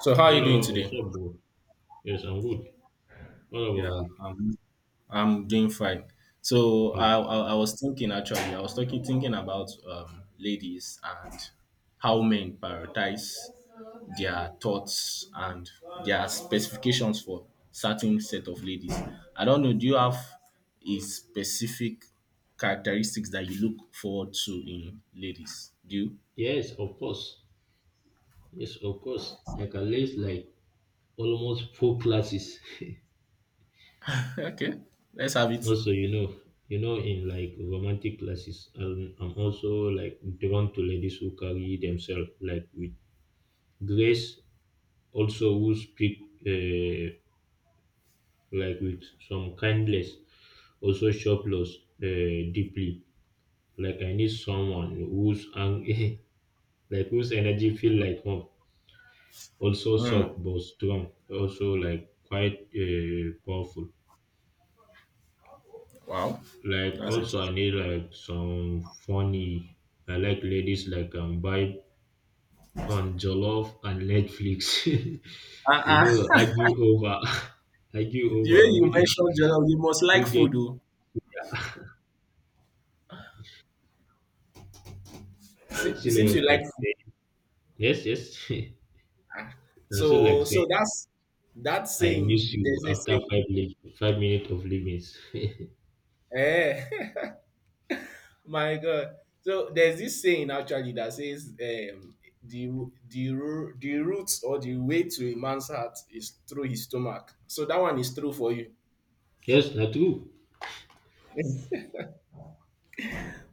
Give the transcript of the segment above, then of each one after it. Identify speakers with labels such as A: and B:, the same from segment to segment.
A: So how are you doing
B: Hello, what's
A: today?
B: up, bro? Yes, I'm good. What about
A: Yeah,
B: you?
A: I'm I'm doing fine. So I
B: Good.
A: I, I was thinking. Actually I was talking thinking about ladies and how men prioritize their thoughts and their specifications for certain set of ladies. I don't know. Do you have a specific characteristics that you look forward to in ladies? Do you?
B: Yes, of course. Yes, of course. I can list like almost four classes.
A: okay, let's have it.
B: Also, in like romantic classes, I'm also like drawn to ladies who carry themselves like with grace, also who speak uh, like with some kindness, also shopless uh, deeply. Like I need someone like whose energy feel like home, also
A: Hmm.
B: soft but strong, also like quite powerful.
A: Wow,
B: Like
A: that's
B: also
A: interesting.
B: I need like some funny. I like ladies like vibe on jollof and Netflix. You
A: I
B: know, argue over argue
A: The way
B: over who
A: you
B: do-
A: mentioned jollof, you must like
B: get
A: food, oh. It seems
B: ancillary,
A: you like
B: like
A: food.
B: say yes, yes. And so like
A: So,
B: say
A: so that's that
B: I miss
A: saying.
B: you
A: there's a
B: after
A: saying.
B: 5 minutes of living.
A: Eh, my God. So there's this saying actually that says, um, the the root, or the way to a man's heart is through his stomach. So that one is true for you.
B: Yes, na true.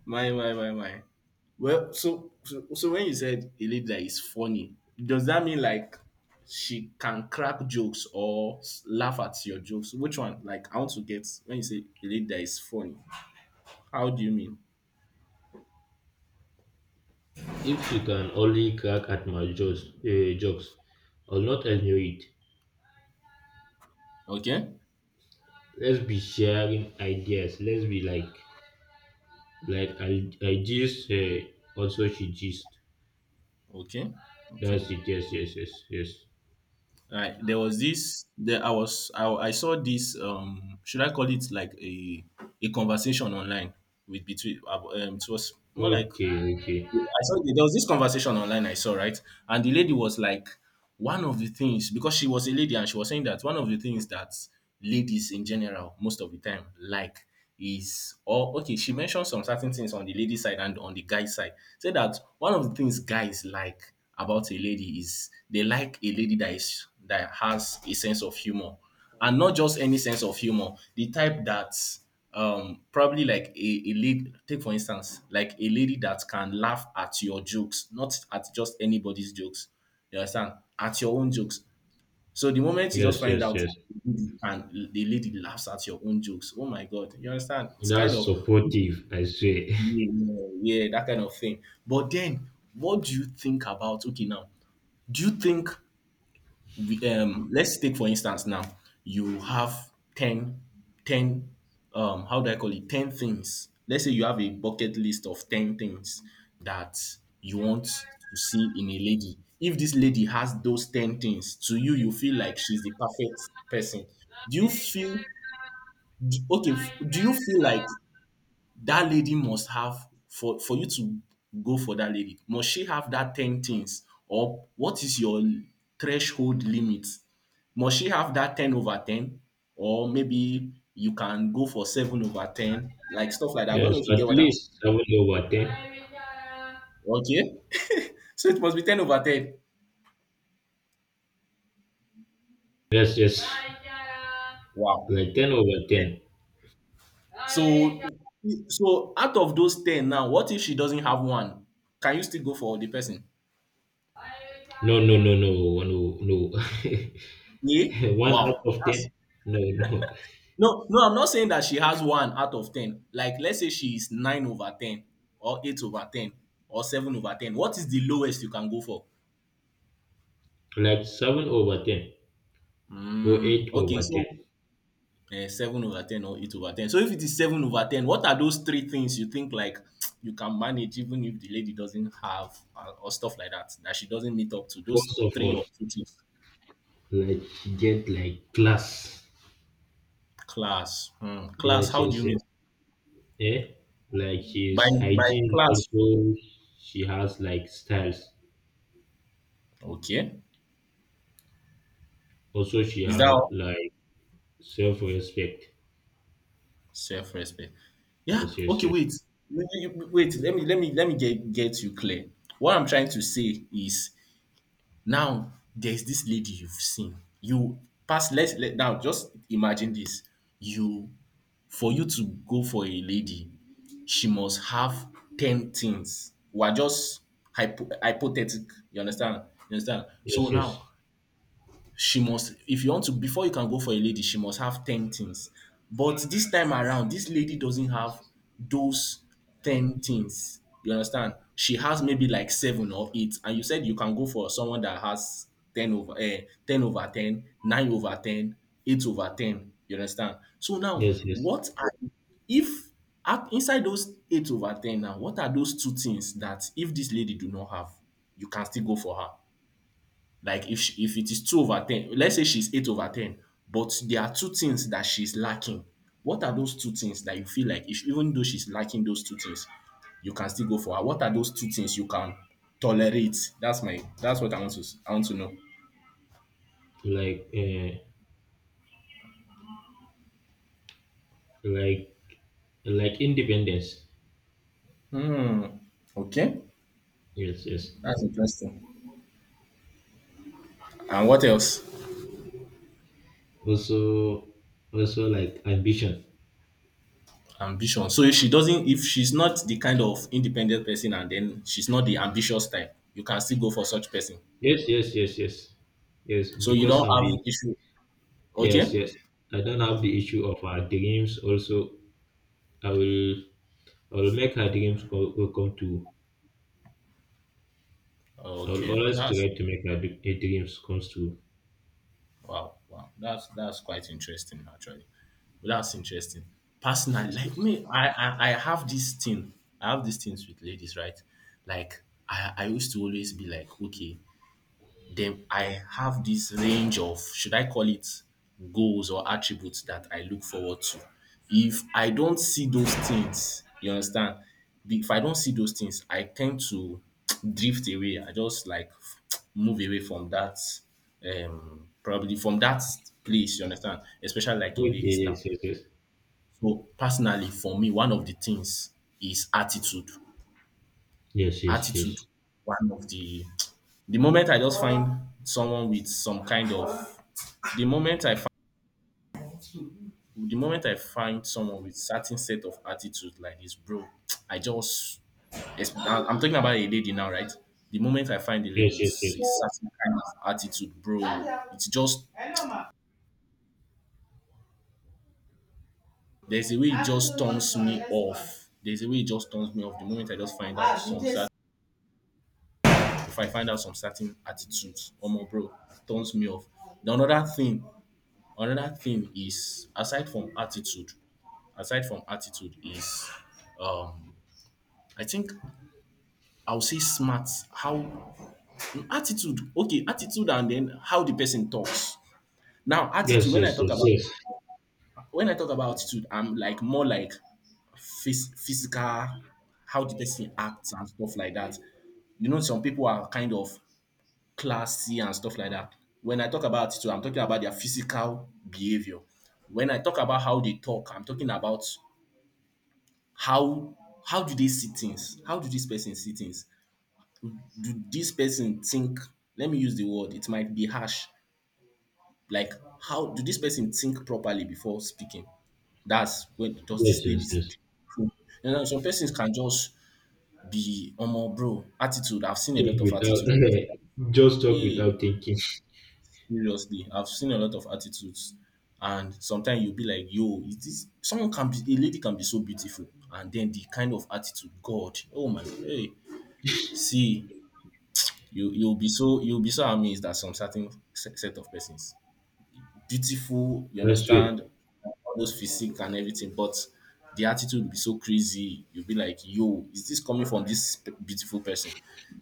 A: My. Well, so when you said a lady that is funny, does that mean like she can crack jokes or laugh at your jokes? Which one? Like, I want to get when you say a lady that is funny, how do you mean?
B: If she can only crack at my jokes, jokes, I'll not enjoy it.
A: Okay,
B: Let's be sharing ideas. Like I gist, also she gist.
A: okay, okay.
B: That's it. Yes, yes, yes, yes.
A: Right. There was this. There, I was. I saw this. Should I call it like a conversation online with between? It was more like
B: Okay, okay.
A: I saw there was this conversation online I saw, right? And the lady was like, one of the things, because she was a lady and she was saying that one of the things that ladies in general, most of the time, like is, or okay, she mentioned some certain things on the lady side and on the guy side. Say that one of the things guys like about a lady is they like a lady that is that has a sense of humor, and not just any sense of humor, the type that probably like a lady, take for instance, like a lady that can laugh at your jokes, not at just anybody's jokes. You understand, at your own jokes. So the moment you just
B: Yes,
A: find
B: yes,
A: out,
B: yes.
A: and the lady laughs at your own jokes, oh my god, you understand, it's kind
B: That's
A: of,
B: supportive, I say.
A: yeah, yeah, that kind of thing. But then, what do you think about, okay, now, do you think we, let's take for instance now, you have 10, 10, how do I call it, 10 things. Let's say you have a bucket list of 10 things that you want to see in a lady. If this lady has those 10 things, to you you feel like she's the perfect person. Do you feel, do you feel like that lady must have, for you to go for that lady, must she have that 10 things, or what is your threshold limit? Must she have that 10 over 10, or maybe you can go for 7 over 10, like stuff like that? I don't
B: Yes,
A: know if you
B: at
A: get what I'm
B: least seven over ten.
A: saying. Okay, so it must be 10 over 10.
B: Yes, yes.
A: Wow.
B: Like ten over ten.
A: So so out of those 10 now, what if she doesn't have one? Can you still go for the person?
B: No, no, no, no, no, no.
A: Yeah.
B: One out
A: Wow.
B: of ten? No, no.
A: No, no, I'm not saying that she has one out of ten. Like, let's say she is nine over ten, or eight over ten, or seven over ten. What is the lowest you can go for?
B: Like seven over ten or eight
A: Mm, okay,
B: over ten.
A: so eh, seven over ten or eight over ten. So if it is seven over ten, what are those three things you think like you can manage, even if the lady doesn't have or stuff like that, that she doesn't meet up to those
B: First of
A: three
B: all,
A: or two things?
B: like get like class.
A: Class. Hmm, class.
B: Yes,
A: How do
B: yes,
A: you
B: yes.
A: mean
B: Yeah. Like
A: by
B: she's
A: by
B: hygiene,
A: class?
B: also she has like styles.
A: Okay,
B: Also she
A: is that
B: have
A: all?
B: like self respect.
A: Self-respect. Yeah.
B: Yes, yes,
A: Okay.
B: yes.
A: Wait. Wait, Let me get you clear. What I'm trying to say is, now there's this lady you've seen. You pass. Let's let now just imagine this. You, for you to go for a lady, she must have ten things. We're just hypothetical. You understand? You understand? So
B: Yes, yes.
A: now, she must, if you want to, before you can go for a lady, she must have 10 things. But this time around, this lady doesn't have those 10 things, you understand? She has maybe like seven or eight, and you said you can go for someone that has 10 over 10 over 10, 9 over 10, 8 over 10, you understand? So now,
B: Yes, yes.
A: what are, if inside those 8 over 10 now, what are those two things that if this lady do not have, you can still go for her? Like if she, if it is two over ten, let's say she's eight over ten, but there are two things that she's lacking. What are those two things that you feel like, if even though she's lacking those two things, you can still go for her? What are those two things you can tolerate? That's what I want to I want to know.
B: Like like like independence.
A: Hmm. Okay.
B: Yes, yes.
A: That's interesting. And what else?
B: Also also like ambition.
A: Ambition. So if she doesn't, if she's not the kind of independent person, and then she's not the ambitious type, you can still go for such person.
B: Yes, yes, yes, yes, yes.
A: So you
B: Because
A: don't
B: I'm
A: have
B: the
A: issue.
B: yes,
A: Okay?
B: yes. I don't have the issue of her dreams. Also, I will I will make her dreams co- co- come to I will
A: Okay.
B: always try
A: That's
B: to make her dreams come true.
A: Wow, wow, that's quite interesting actually. That's interesting. Personally,
B: Yes,
A: like
B: yes.
A: me, I have this thing. I have these things with ladies, right? Like I used to always be like, okay, then I have this range of, should I call it goals or attributes that I look forward to. If I don't see those things, you understand? If I don't see those things, I tend to drift away. I just like move away from that, probably from that place, you understand? Especially like in
B: Okay,
A: ladies now.
B: yes, yes, yes,
A: So, personally, for me, one of the things is attitude.
B: yes, yes,
A: Attitude
B: yes,
A: one of The moment I just find someone with some kind of, the moment I find the moment I find someone with certain set of attitude like this, bro, I just I'm talking about a lady now, right? The moment I find a lady
B: yes,
A: with a
B: yes,
A: certain kind of attitude, bro, it's just, there's a way it just turns me off. There's a way it just turns me off. The moment I just find out some certain, if I find out some certain attitudes, oh my bro, turns me off. The another thing is, aside from attitude, is um I think I'll say smart, how, attitude, and then how the person talks. Now attitude,
B: yes,
A: when I
B: yes,
A: talk
B: yes,
A: about,
B: yes, yes,
A: when I talk about attitude, I'm like more like physical, how the person acts and stuff like that. You know, some people are kind of classy and stuff like that. When I talk about attitude, I'm talking about their physical behavior. When I talk about how they talk, I'm talking about how how do they see things? How do this person see things? Do this person think? Let me use the word, it might be harsh. Like, how do this person think properly before speaking? That's, when does
B: yes,
A: this
B: yes,
A: lady
B: yes.
A: think? You know, some persons can just be omo bro attitude. I've seen a lot
B: Think
A: of
B: without
A: attitude.
B: just talk
A: Hey,
B: without thinking.
A: seriously, I've seen a lot of attitudes. And sometimes you'll be like, yo, is this someone, can be a lady can be so beautiful, and then the kind of attitude, God, oh my, hey, see, you'll be so, you'll be so amazed at some certain set of persons. Beautiful, you
B: I swear,
A: understand, all those physique and everything, but the attitude will be so crazy. You'll be like, yo, is this coming from this beautiful person?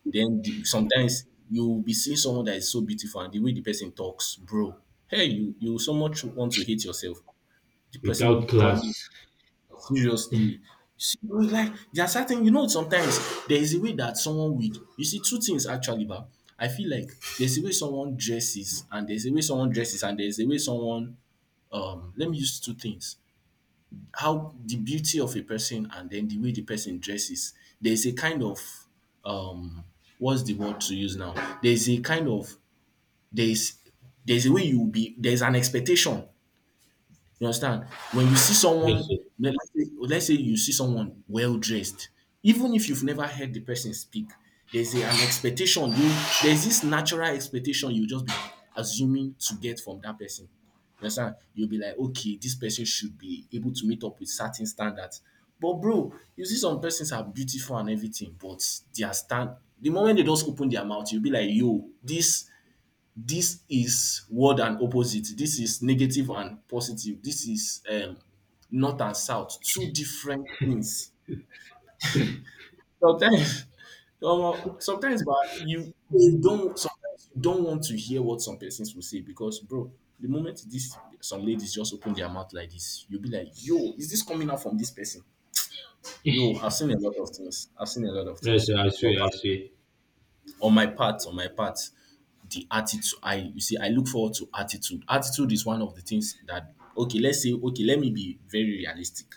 A: Then the, sometimes you'll be seeing someone that is so beautiful and the way the person talks, bro. Hey, you so much want to hate yourself. The
B: without
A: person probably,
B: class.
A: seriously. See, like there are certain, you know, sometimes there is a way that someone would, you see, two things actually, but I feel like there's a way someone dresses, and there's a way someone dresses, and there's a way someone, let me use two things. How the beauty of a person, and then the way the person dresses. There's a kind of, um, what's the word to use now? There's a kind of, there's, there's a way you will be, there's an expectation, you understand? When you see
B: Yes,
A: someone, let's say you see someone well dressed, even if you've never heard the person speak, there's a, an expectation. You there's this natural expectation you just be assuming to get from that person. You understand? You'll be like, okay, this person should be able to meet up with certain standards. But bro, you see some persons are beautiful and everything, but their stand the moment they just open their mouth, you'll be like, yo, this is word and opposite. This is negative and positive. This is north and south. Two different things. Sometimes, omo, sometimes, but you don't sometimes you don't want to hear what some persons will say because, bro, the moment this some ladies just open their mouth like this, you'll be like, yo, is this coming out from this person? Yo,
B: yes,
A: I've seen a lot of things. I've seen a lot of
B: yes.
A: things,
B: I
A: but.
B: swear, I swear.
A: On my part, the attitude, you see, I look forward to attitude. Attitude is one of the things that, okay, let's say, okay, let me be very realistic.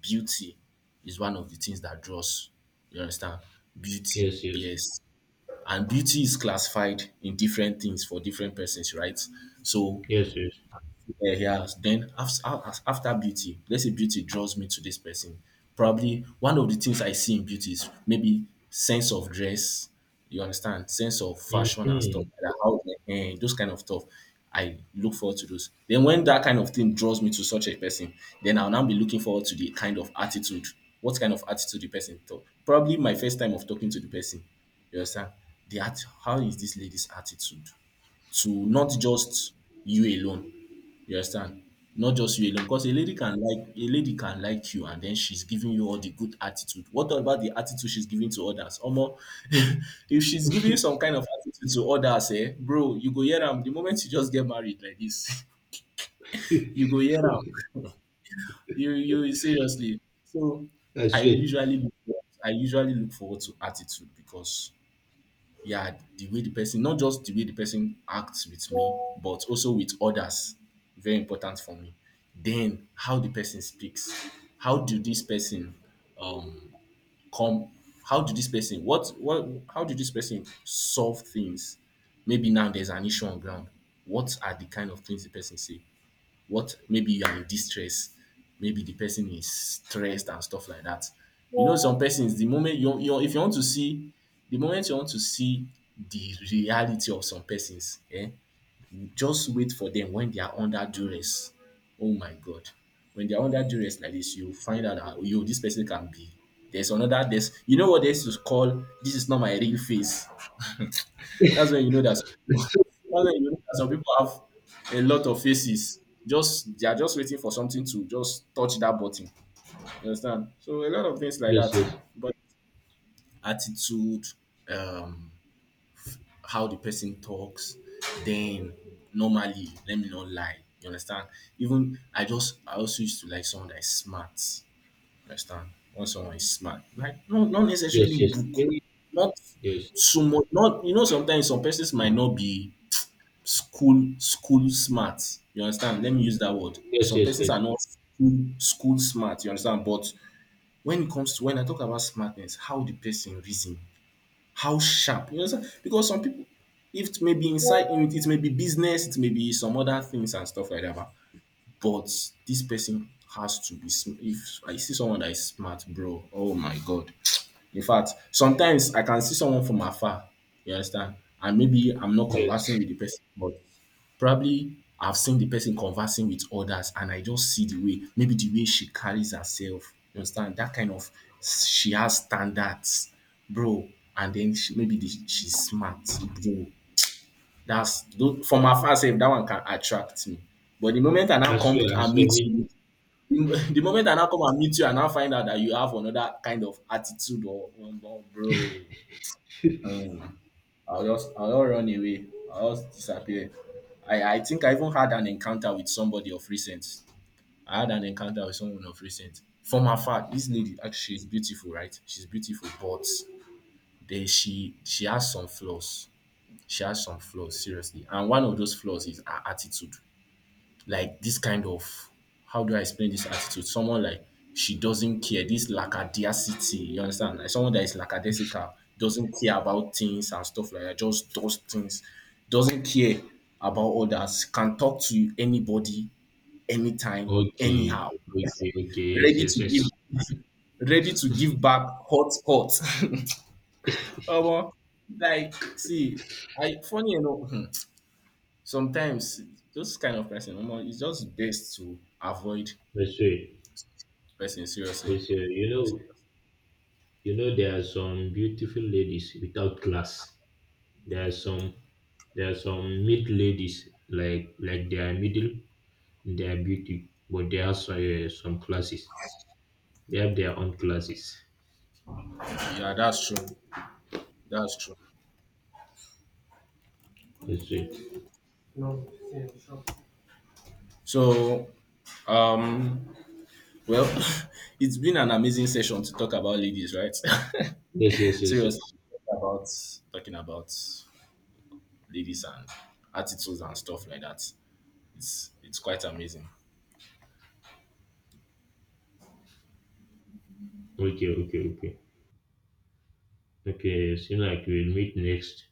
A: Beauty is one of the things that draws. You understand? Beauty,
B: Yes, yes,
A: yes. And beauty is classified in different things for different persons, right? So
B: yes, yes.
A: yeah, he has. Then after, after beauty, let's say beauty draws me to this person. Probably one of the things I see in beauty is maybe sense of dress. You understand? Sense of fashion and stuff
B: Mhm.
A: like that. How those kind of stuff. I look forward to those. Then when that kind of thing draws me to such a person, then I'll now be looking forward to the kind of attitude. What kind of attitude the person talk? Probably my first time of talking to the person. You understand? The act, how is this lady's attitude? To not just you alone, you understand? Not just you alone, because a lady can like you and then she's giving you all the good attitude. What about the attitude she's giving to others? Omo, if she's giving some kind of attitude to others, eh, bro, you go hear am the moment you just get married like this, you go hear am. You seriously. So
B: I
A: I
B: see.
A: usually look for I usually look forward to attitude because yeah, the way the person, not just the way the person acts with me, but also with others, very important for me. Then how the person speaks, how do this person um come, how do this person what how do this person solve things? Maybe now there's an issue on ground. What are the kind of things the person say? What maybe you are in distress, maybe the person is stressed and stuff like that. You know, yeah, some persons, the moment you, you if you want to see, the moment you want to see the reality of some persons, eh, just wait for them when they are under duress. Oh my God. When they are under duress like this, you find out that, oh, yo, this person can be. There's, you know what they used to call, this is not my real face. That's when you know that some
B: I
A: people,
B: see.
A: that's when you know that some people have a lot of faces. Just they are just waiting for something to just touch that button. You understand? So a lot of things like
B: Yes, yes,
A: that. But attitude, um, how the person talks, then normally, let me not lie. You understand? Even I also used to like someone that is smart. You understand? When someone is smart, like not
B: yes,
A: necessarily
B: yes.
A: book,
B: Very
A: not
B: yes,
A: so much. Not, you know, sometimes some persons might not be school school smart, you understand, let me use that word,
B: yes,
A: some
B: yes,
A: persons
B: yes,
A: are not school smart, you understand, but when it comes to when I talk about smartness, how the person reason, how sharp, you understand, because some people, if it may be inside it, may be business, it may be some other things and stuff like that, but this person has to be if I see someone that is smart, bro, oh my God, in fact, sometimes I can see someone from afar, you understand, and maybe I'm not conversing
B: yes.
A: with the person, but probably I've seen the person conversing with others and I just see the way, maybe the way she carries herself, you understand, that kind of, she has standards, bro. And then she, maybe the, she's smart, bro. From afar, sef, that one can attract me. But the moment I now come to,
B: I
A: and meet
B: swear, me too.
A: you. The moment I now come and meet you, I now find out that you have another kind of attitude or, bro. Um, I'll just run away. I'll just disappear. I think I even had an encounter with somebody of recent. I had an encounter with someone of recent. From afar, this lady actually she's beautiful, right? She's beautiful, but then she has some flaws. She has some flaws, seriously. And one of those flaws is her attitude, like this kind of, how do I explain this attitude? Someone like she doesn't care, this lackadaisicity, you understand? Like someone that is lackadaisical, doesn't care about things and stuff like that, just does things, doesn't care about others, can talk to anybody, anytime,
B: Okay,
A: anyhow,
B: okay, okay. Yes,
A: ready
B: yes,
A: to
B: yes.
A: give, ready to give back hot hot. Omo, like see, I funny enough, hmm, sometimes those kind of person, omo, it's just best to avoid
B: I swear.
A: person seriously.
B: Yes, yeah. You know, there are some beautiful ladies without class. There are some, there are some mid ladies like they are middle in their beauty, but they have some classes. They have their own classes.
A: Yeah, that's true, that's true.
B: I see.
A: So um well, it's been an amazing session to talk about ladies, right?
B: Yes, yes, yes,
A: Seriously,
B: yes.
A: about talking about ladies and attitudes and stuff like that, it's quite amazing.
B: Okay, okay, okay. Okay, seems like we'll meet next.